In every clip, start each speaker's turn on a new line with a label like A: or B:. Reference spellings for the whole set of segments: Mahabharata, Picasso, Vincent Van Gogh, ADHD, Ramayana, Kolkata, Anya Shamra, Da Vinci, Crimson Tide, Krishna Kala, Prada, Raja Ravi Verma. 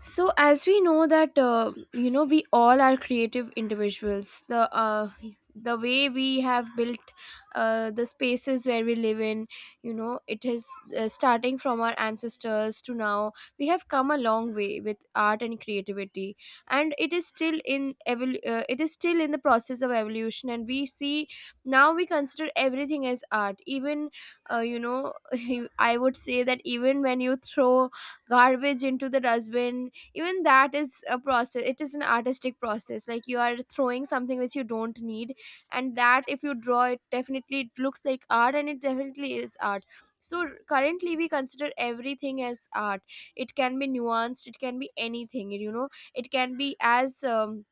A: So as we know that we all are creative individuals. The the way we have built the spaces where we live in, you know it is starting from our ancestors to now, we have come a long way with art and creativity. And it is still in it is still in the process of evolution, and we see now we consider everything as art. Even uh, you know I would say that even when you throw garbage into the dustbin, even that is a process. It is an artistic process. Like, you are throwing something which you don't need, and that if you draw it, definitely it looks like art, and it definitely is art. So currently we consider everything as art. It can be nuanced, it can be anything, you know. It can be as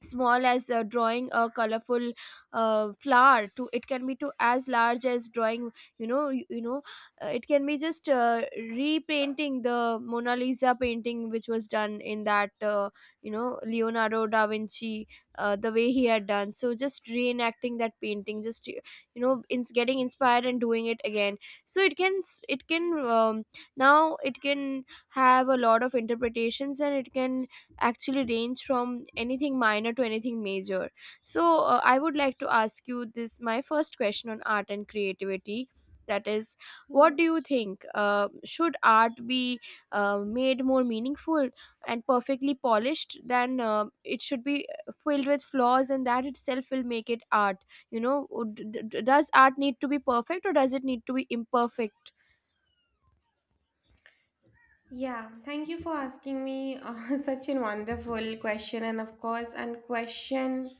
A: small as drawing a colorful flower, to it can be to as large as drawing, you know, it can be just repainting the Mona Lisa painting, which was done in that, you know, Leonardo da Vinci, the way he had done. So just reenacting that painting, just you know, getting inspired and doing it again. So it can it can, um, now it can have a lot of interpretations, and it can actually range from anything minor to anything major. So, I would like to ask you this, my first question on art and creativity. That is, what do you think? Should art be made more meaningful and perfectly polished, than it should be filled with flaws, and that itself will make it art? You know, does art need to be perfect, or does it need to be imperfect?
B: Yeah, thank you for asking me such a wonderful question, and of course, and question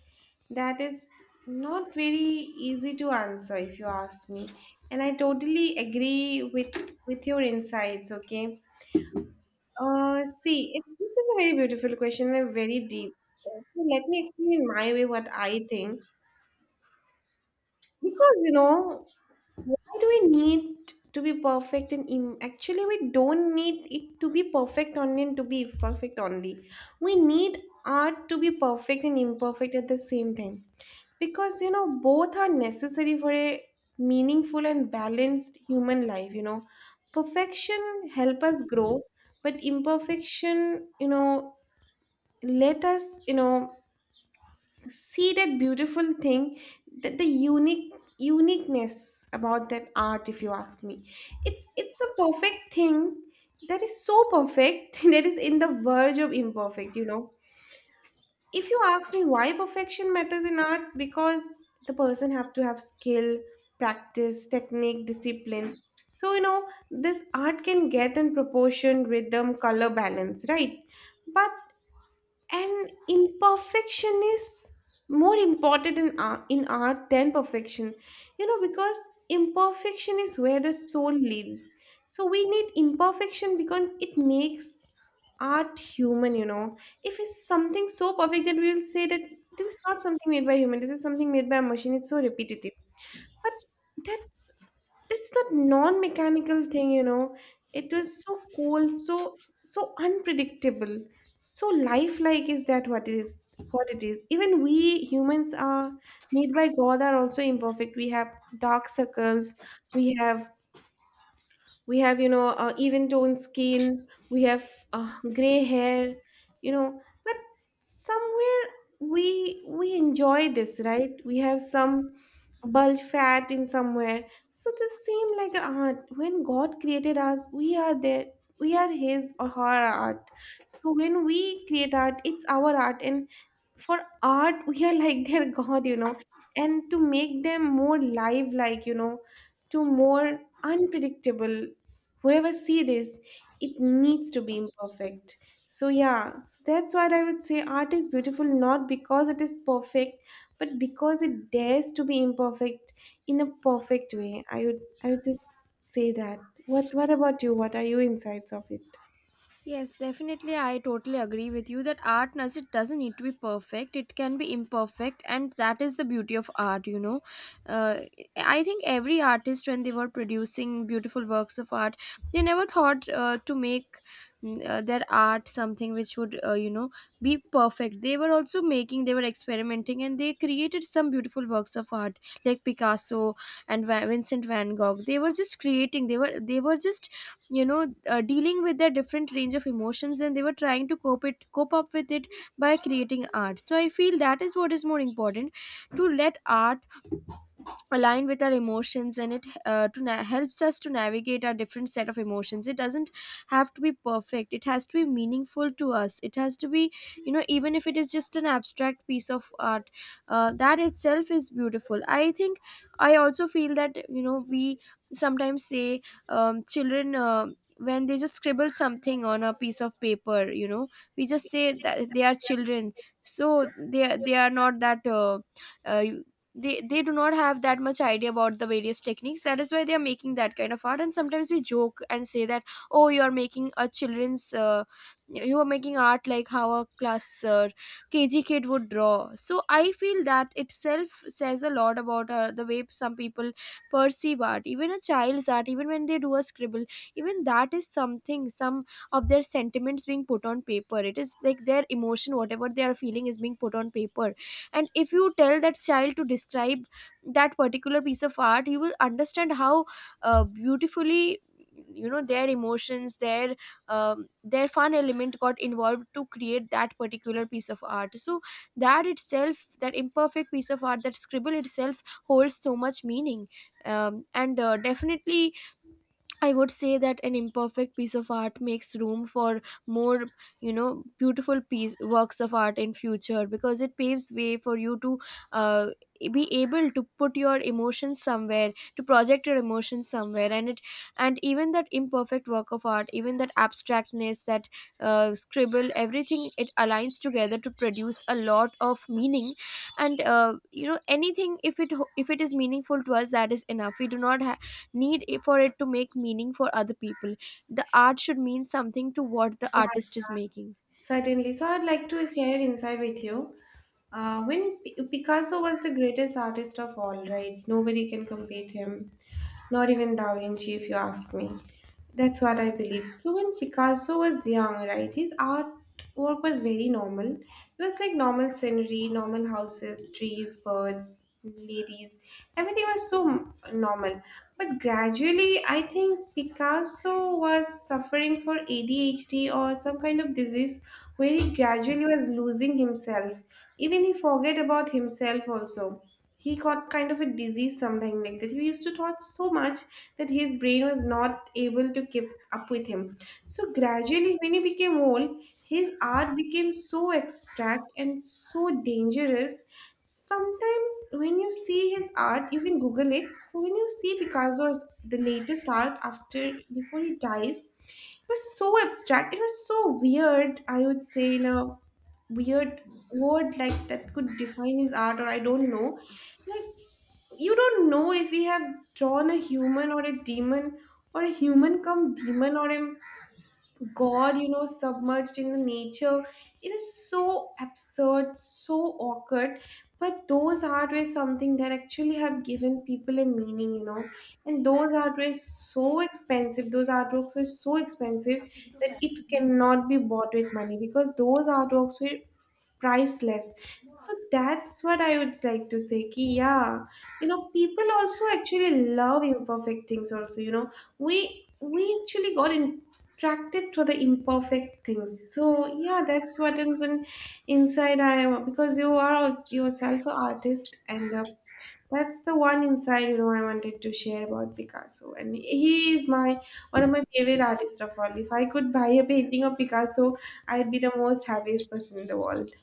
B: that is not very easy to answer if you ask me. And I totally agree with your insights. Okay, see, this is a very beautiful question and a very deep. So let me explain in my way what I think. Because, you know, why do we need to be perfect and actually we don't need it to be perfect only and to be perfect only. We need art to be perfect and imperfect at the same time. Because, you know, both are necessary for a meaningful and balanced human life, you know. Perfection help us grow, but imperfection, you know, let us, you know, see that beautiful thing that the unique uniqueness about that art if you ask me it's a perfect thing that is so perfect that is in the verge of imperfect, you know. If you ask me why perfection matters in art, because the person have to have skill, practice, technique, discipline. So you know this art can get in proportion, rhythm, color, balance, right? But and imperfection is more important in art than perfection, you know, because imperfection is where the soul lives. So we need imperfection because it makes art human, you know. If it's something so perfect that we will say that this is not something made by human, this is something made by a machine, it's so repetitive. But that's, it's that non-mechanical thing, you know. It was so cool, so so unpredictable, so lifelike. Is that what it is, what it is? Even we humans are made by god are also imperfect. We have dark circles, we have, we have you know even toned skin, we have gray hair, you know. But somewhere we enjoy this, right? We have some bulge fat in somewhere. So this seem like a art. When god created us, we are there, we are his or her art. So when we create art, it's our art, and for art, we are like their god, you know. And to make them more live like, you know, to more unpredictable, whoever see this, it needs to be imperfect. So yeah, so that's why I would say art is beautiful not because it is perfect, but because it dares to be imperfect in a perfect way. I would just say that. What about you? What are your insights of it?
A: Yes, definitely. I totally agree with you that art does, it doesn't need to be perfect. It can be imperfect, and that is the beauty of art. You know, uh, I think every artist, when they were producing beautiful works of art, they never thought to make their art something which would, be perfect. They were also making, they were experimenting, and they created some beautiful works of art, like Picasso and Vincent Van Gogh. They were just creating. They were just, you know, dealing with their different range of emotions, and they were trying to cope up with it by creating art. So I feel that is what is more important, to let art aligned with our emotions, and it, helps us to navigate our different set of emotions. It doesn't have to be perfect, it has to be meaningful to us. It has to be, you know, even if it is just an abstract piece of art, that itself is beautiful, I think. I also feel that, you know, we sometimes say, children, when they just scribble something on a piece of paper, you know, we just say that they are children, so they are not that uh, they do not have that much idea about the various techniques. That is why they are making that kind of art, and sometimes we joke and say that, oh, you are making a children's, you are making art like how a class, KG kid would draw. So I feel that itself says a lot about the way some people perceive art. Even a child's art, even when they do a scribble, even that is something, some of their sentiments being put on paper. It is like their emotion, whatever they are feeling is being put on paper. And if you tell that child to describe that particular piece of art, you will understand how beautifully, you know, their emotions, their, their fun element got involved to create that particular piece of art. So that itself, that imperfect piece of art, that scribble itself holds so much meaning. And Definitely I would say that an imperfect piece of art makes room for more, you know, beautiful piece, works of art in future, because it paves way for you to, uh, be able to put your emotions somewhere, to project your emotions somewhere. And it, and even that imperfect work of art, even that abstractness, that scribble, everything, it aligns together to produce a lot of meaning. And you know, anything, if it if it is meaningful to us, that is enough. We do not need for it to make meaning for other people. The art should mean something to what the artist is making.
B: Certainly. So I'd like to share an insight with you. When Picasso was the greatest artist of all, right? Nobody can compete him, not even Da Vinci, if you ask me. That's what I believe. So when Picasso was young, right, his art work was very normal. It was like normal scenery, normal houses, trees, birds, ladies, everything was so normal. But gradually, I think Picasso was suffering for ADHD or some kind of disease where he gradually was losing himself. Even he forget about himself also. He got kind of a disease sometime like that. He used to thought so much that his brain was not able to keep up with him. So gradually, when he became old, his art became so abstract and so dangerous. Sometimes when you see his art, you can Google it. So when you see Picasso's the latest art after before he dies, it was so abstract. It was so weird. I would say in a weird word like that could define his art, or I don't know. Like you don't know if we have drawn a human or a demon or a human come demon or a god, you know, submerged in the nature. It is so absurd, so awkward. But those art were something that actually have given people a meaning, you know. And those art were so expensive. Those artworks were so expensive that it cannot be bought with money, because those artworks were priceless. So that's what I would like to say ki, yeah, you know, people also actually love imperfect things also, you know. we we actually got attracted to the imperfect things. So yeah, that's what is in, inside I am. Because you are yourself an artist, and that's the one inside, you know. I wanted to share about Picasso, and he is my one of my favorite artists of all. If I could buy a painting of Picasso, I'd be the most happiest person in the world.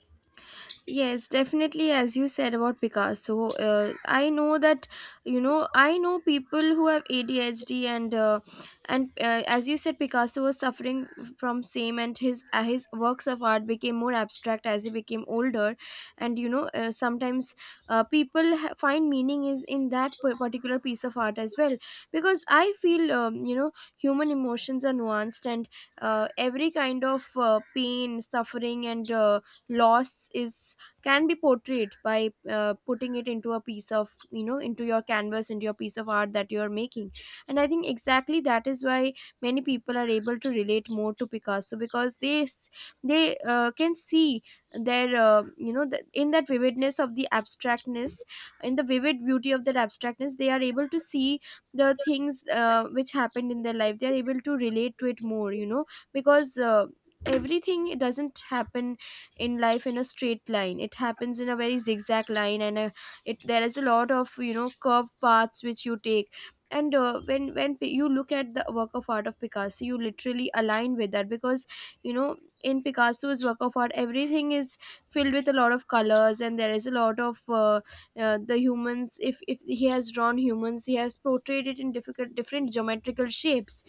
A: Yes, definitely. As you said about Picasso, I know that, you know, I know people who have ADHD, and as you said, Picasso was suffering from same, and his, his works of art became more abstract as he became older. And you know, sometimes, people find meaning is in that particular piece of art as well, because I feel, you know, human emotions are nuanced, and every kind of pain, suffering, and loss is, can be portrayed by putting it into a piece of, you know, into your canvas, into your piece of art that you are making. And I think exactly that is why many people are able to relate more to Picasso, because they can see their, you know, in that vividness of the abstractness, in the vivid beauty of that abstractness, they are able to see the things which happened in their life. They are able to relate to it more, you know, because everything doesn't happen in life in a straight line. It happens in a very zigzag line, and it, there is a lot of, you know, curved paths which you take. And when you look at the work of art of Picasso, you literally align with that, because you know, in Picasso's work of art, everything is filled with a lot of colors, and there is a lot of, the humans, if he has drawn humans, he has portrayed it in different, different geometrical shapes.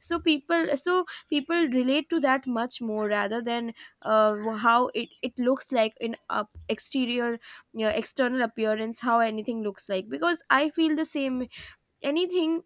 A: So people relate to that much more, rather than how it looks like in up exterior, yeah, external appearance, how anything looks like. Because I feel the same, anything,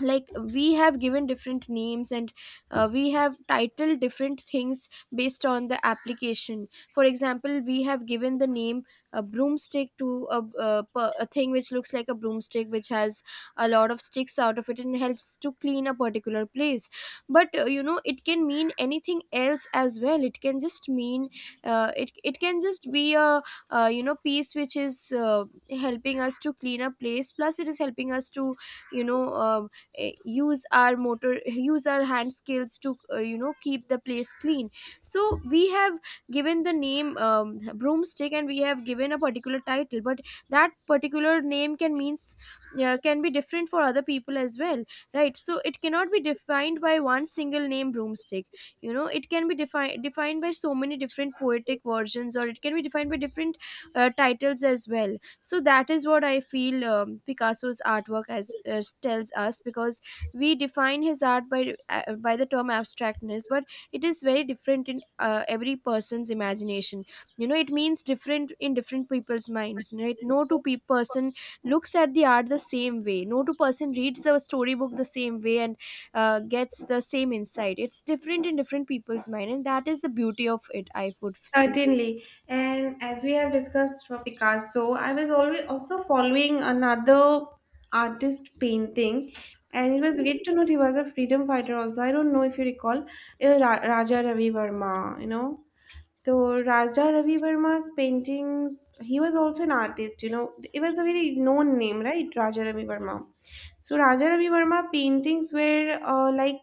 A: like we have given different names, and we have titled different things based on the application. For example, we have given the name a broomstick to a thing which looks like a broomstick, which has a lot of sticks out of it and helps to clean a particular place. But you know, it can mean anything else as well. It can just mean it can just be a, you know, piece which is helping us to clean a place, plus it is helping us to, you know, use our motor, use our hand skills to, you know, keep the place clean. So we have given the name, broomstick, and we have given a particular title, but that particular name can means, can be different for other people as well, right? So it cannot be defined by one single name, broomstick. You know, it can be defined by so many different poetic versions, or it can be defined by different titles as well. So that is what I feel, Picasso's artwork as tells us, because we define his art by, by the term abstractness, but it is very different in every person's imagination. You know, it means different in different people's minds, right? No two person looks at the art the same way, no two-person reads the storybook the same way and gets the same insight. It's different in different people's mind, and that is the beauty of it, I would say.
B: Certainly. And as we have discussed for Picasso, I was always also following another artist painting, and it was great to note he was a freedom fighter also. I don't know if you recall, Raja Ravi Verma, you know. So Raja Ravi Verma's paintings, he was also an artist, you know, it was a very known name, right? Raja Ravi Verma. So Raja Ravi Verma paintings were like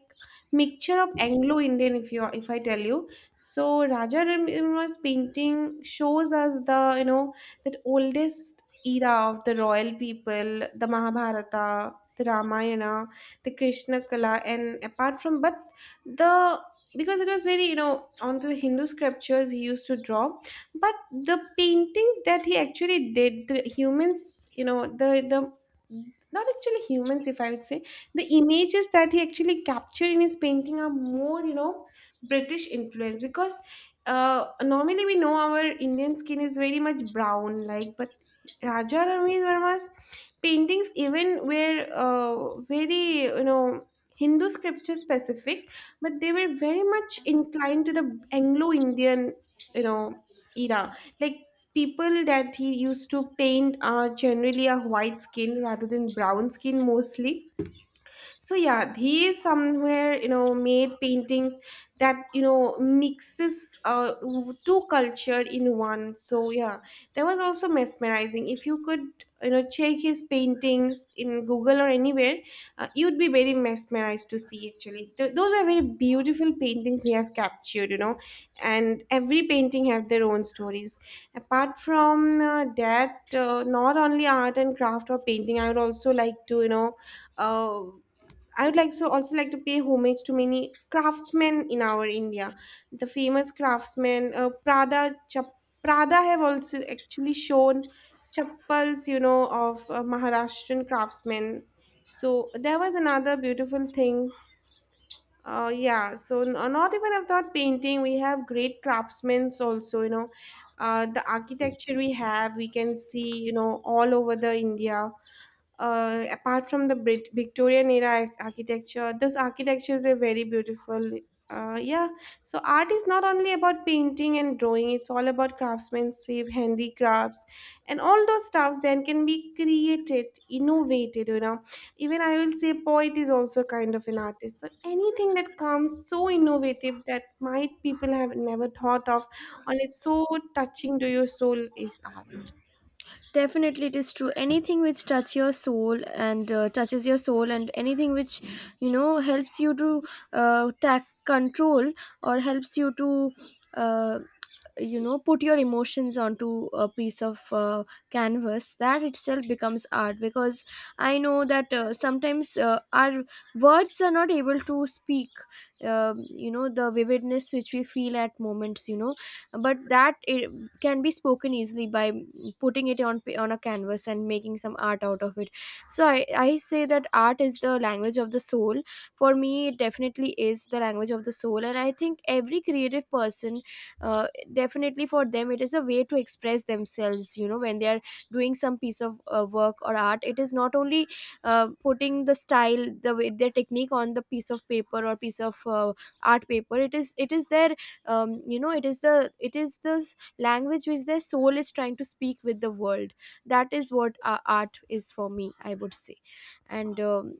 B: mixture of Anglo-Indian, if you if I tell you. So Raja Ravi Verma's painting shows us the, you know, that oldest era of the royal people, the Mahabharata, the Ramayana, the Krishna Kala, and apart from but the, because it was very, you know, on the Hindu sculptures he used to draw. But the paintings that he actually did the humans, you know, the not actually humans, if I would say, the images that he actually captured in his painting are more, you know, British influence. Because normally we know our Indian skin is very much brown like, but Raja Ramesh Verma's paintings even were very, you know, Hindu scripture specific, but they were very much inclined to the Anglo-Indian, you know, era. Like people that he used to paint are generally a white skin rather than brown skin mostly. So yeah, they somewhere, you know, made paintings that, you know, mixes two culture in one. So yeah, that was also mesmerizing. If you could, you know, check his paintings in Google or anywhere, you'd be very mesmerized to see actually. Those are very beautiful paintings he have captured, you know, and every painting have their own stories. Apart from that, not only art and craft or painting, I would also like to, you know, uh. I would like so also like to pay homage to many craftsmen in our India. The famous craftsmen, Prada, Prada have also actually shown chappals, you know, of Maharashtrian craftsmen. So there was another beautiful thing. So not even about painting, we have great craftsmen also, you know. The architecture we have, we can see, you know, all over the India apart from the Victorian era architecture, this architecture is a very beautiful. Yeah, so art is not only about painting and drawing, it's all about craftsmanship, handicrafts, and all those stuffs then can be created, innovated, you know. Even I will say poet is also kind of an artist. So anything that comes so innovative that might people have never thought of, and it's so touching to your soul is art.
A: Definitely, it is true. Anything which touch your soul and touches your soul, and anything which helps you to tack control or helps you to uh, put your emotions onto a piece of canvas, that itself becomes art. Because I know that sometimes our words are not able to speak the vividness which we feel at moments. But that it can be spoken easily by putting it on on a canvas and making some art out of it. So I say that art is the language of the soul. For me it definitely is the language of the soul, and I think every creative person, uh, definitely for them it is a way to express themselves. You know, when they are doing some piece of work or art, it is not only putting the style, the way, their technique on the piece of paper or piece of art paper. It is, it is their it is the, it is the language which their soul is trying to speak with the world. That is what art is for me, I would say. And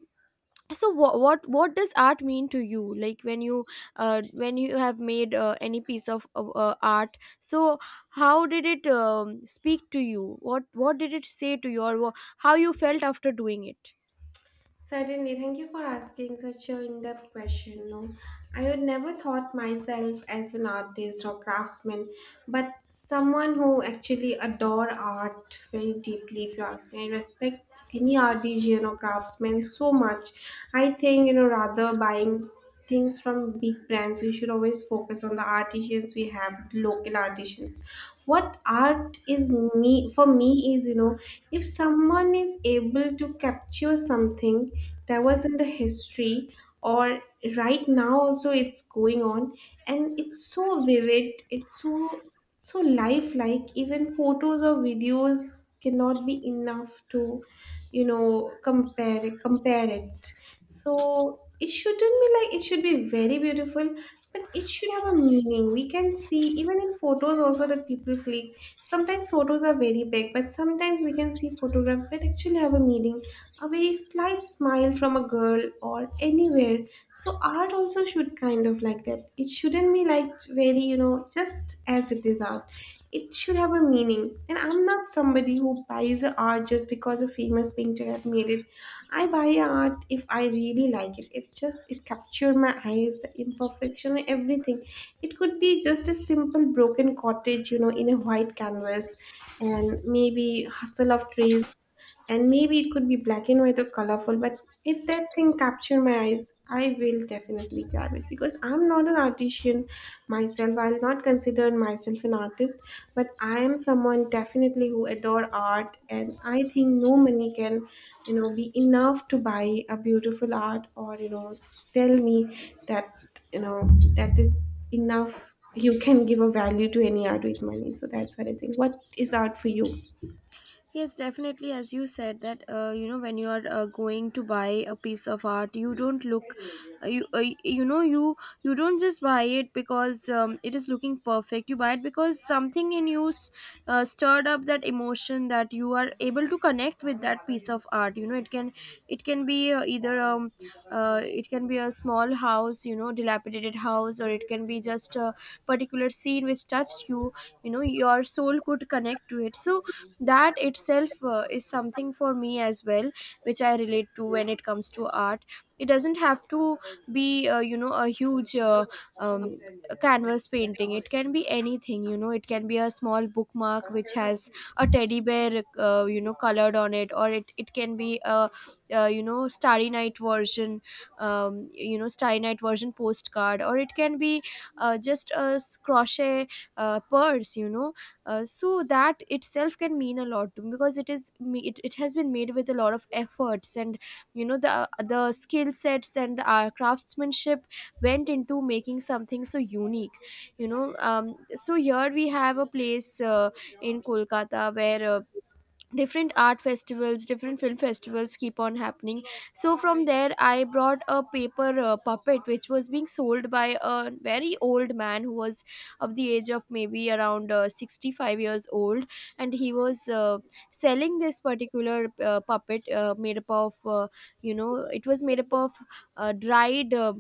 A: so what does art mean to you? Like when you have made any piece of art, so how did it speak to you? What did it say to you? Or how you felt after doing it?
B: Certainly, thank you for asking such an in-depth question. No, I would never thought myself as an artist or craftsman, but someone who actually adore art very deeply. If you ask me, I respect any artisan or craftsman so much. I think, you know, rather buying things from big brands, we should always focus on the artisans we have, local artisans. What art is me for me is, you know, if someone is able to capture something that was in the history or right now also it's going on, and it's so vivid, it's so so lifelike, even photos or videos cannot be enough to, you know, compare it. Compare it. So it shouldn't be like, it should be very beautiful, but it should have a meaning. We can see even in photos also that people click. Sometimes photos are very big, but sometimes we can see photographs that actually have a meaning, a very slight smile from a girl or anywhere. So art also should kind of like that. It shouldn't be like very, you know, just as it is art, it should have a meaning. And I'm not somebody who buys a art just because a famous painter have made it. I buy a art if I really like it. If just it captured my eyes, the imperfection and everything. It could be just a simple broken cottage, you know, in a white canvas, and maybe hustle of trees, and maybe it could be black and white or colorful. But if that thing capture my eyes, I will definitely grab it. Because I'm not an artisan myself, I'll not consider myself an artist, but I am someone definitely who adore art, and I think no money can, you know, be enough to buy a beautiful art, or, you know, tell me that, you know, that is enough. You can give a value to any art with money. So that's what I think. What is art for you?
A: Yes, definitely. As you said that, when you are going to buy a piece of art, you don't look uh, you uh, you know you you don't just buy it because it is looking perfect. You buy it because something in you stirred up that emotion, that you are able to connect with that piece of art. You know, it can, it can be either it can be a small house, you know, dilapidated house, or it can be just a particular scene which touched you. You know, your soul could connect to it. So that itself is something for me as well, which I relate to when it comes to art. It doesn't have to be a huge um, canvas painting. It can be anything, you know. It can be a small bookmark which has a teddy bear colored on it, or it can be a, starry night version, starry night version postcard, or it can be just a crochet purse, you know. So that itself can mean a lot to me, because it is it, it has been made with a lot of efforts, and you know, the skill sets and the craftsmanship went into making something so unique, you know. So here we have a place in Kolkata where different art festivals, different film festivals keep on happening. So from there I brought a paper puppet which was being sold by a very old man who was of the age of maybe around 65 years old. And he was selling this particular puppet made up of it was made up of dried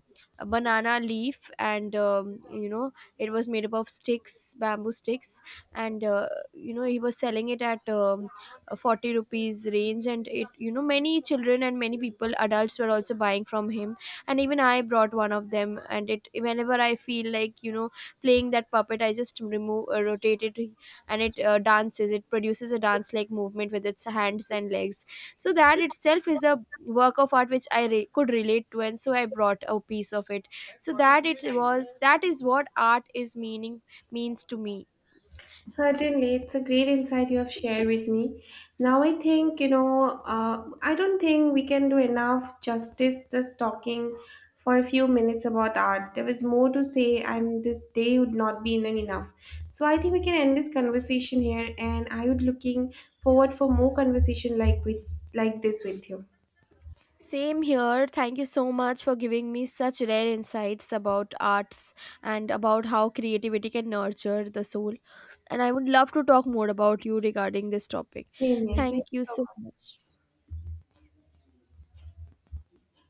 A: banana leaf, and it was made up of sticks, bamboo sticks. And he was selling it at 40 rupees range. And it, you know, many children and many people, adults, were also buying from him. And even I brought one of them. And it, whenever I feel like, you know, playing that puppet, I just remove, rotate it, and it dances. It produces a dance like movement with its hands and legs. So that itself is a work of art which I could relate to, and so I brought a piece of it. So that it was, that is what art is meaning means to me.
B: Certainly, it's a great insight you have shared with me. Now, I think, you know, I don't think we can do enough justice just talking for a few minutes about art. There is more to say, and this day would not be enough. So, I think we can end this conversation here, and I would looking forward for more conversation like with like this with you.
A: Same here, thank you so much for giving me such rare insights about arts, and about how creativity can nurture the soul. And I would love to talk more about you regarding this topic.
B: Same here. Thank
A: Thank
B: you
A: you
B: so
A: so
B: much.
A: much.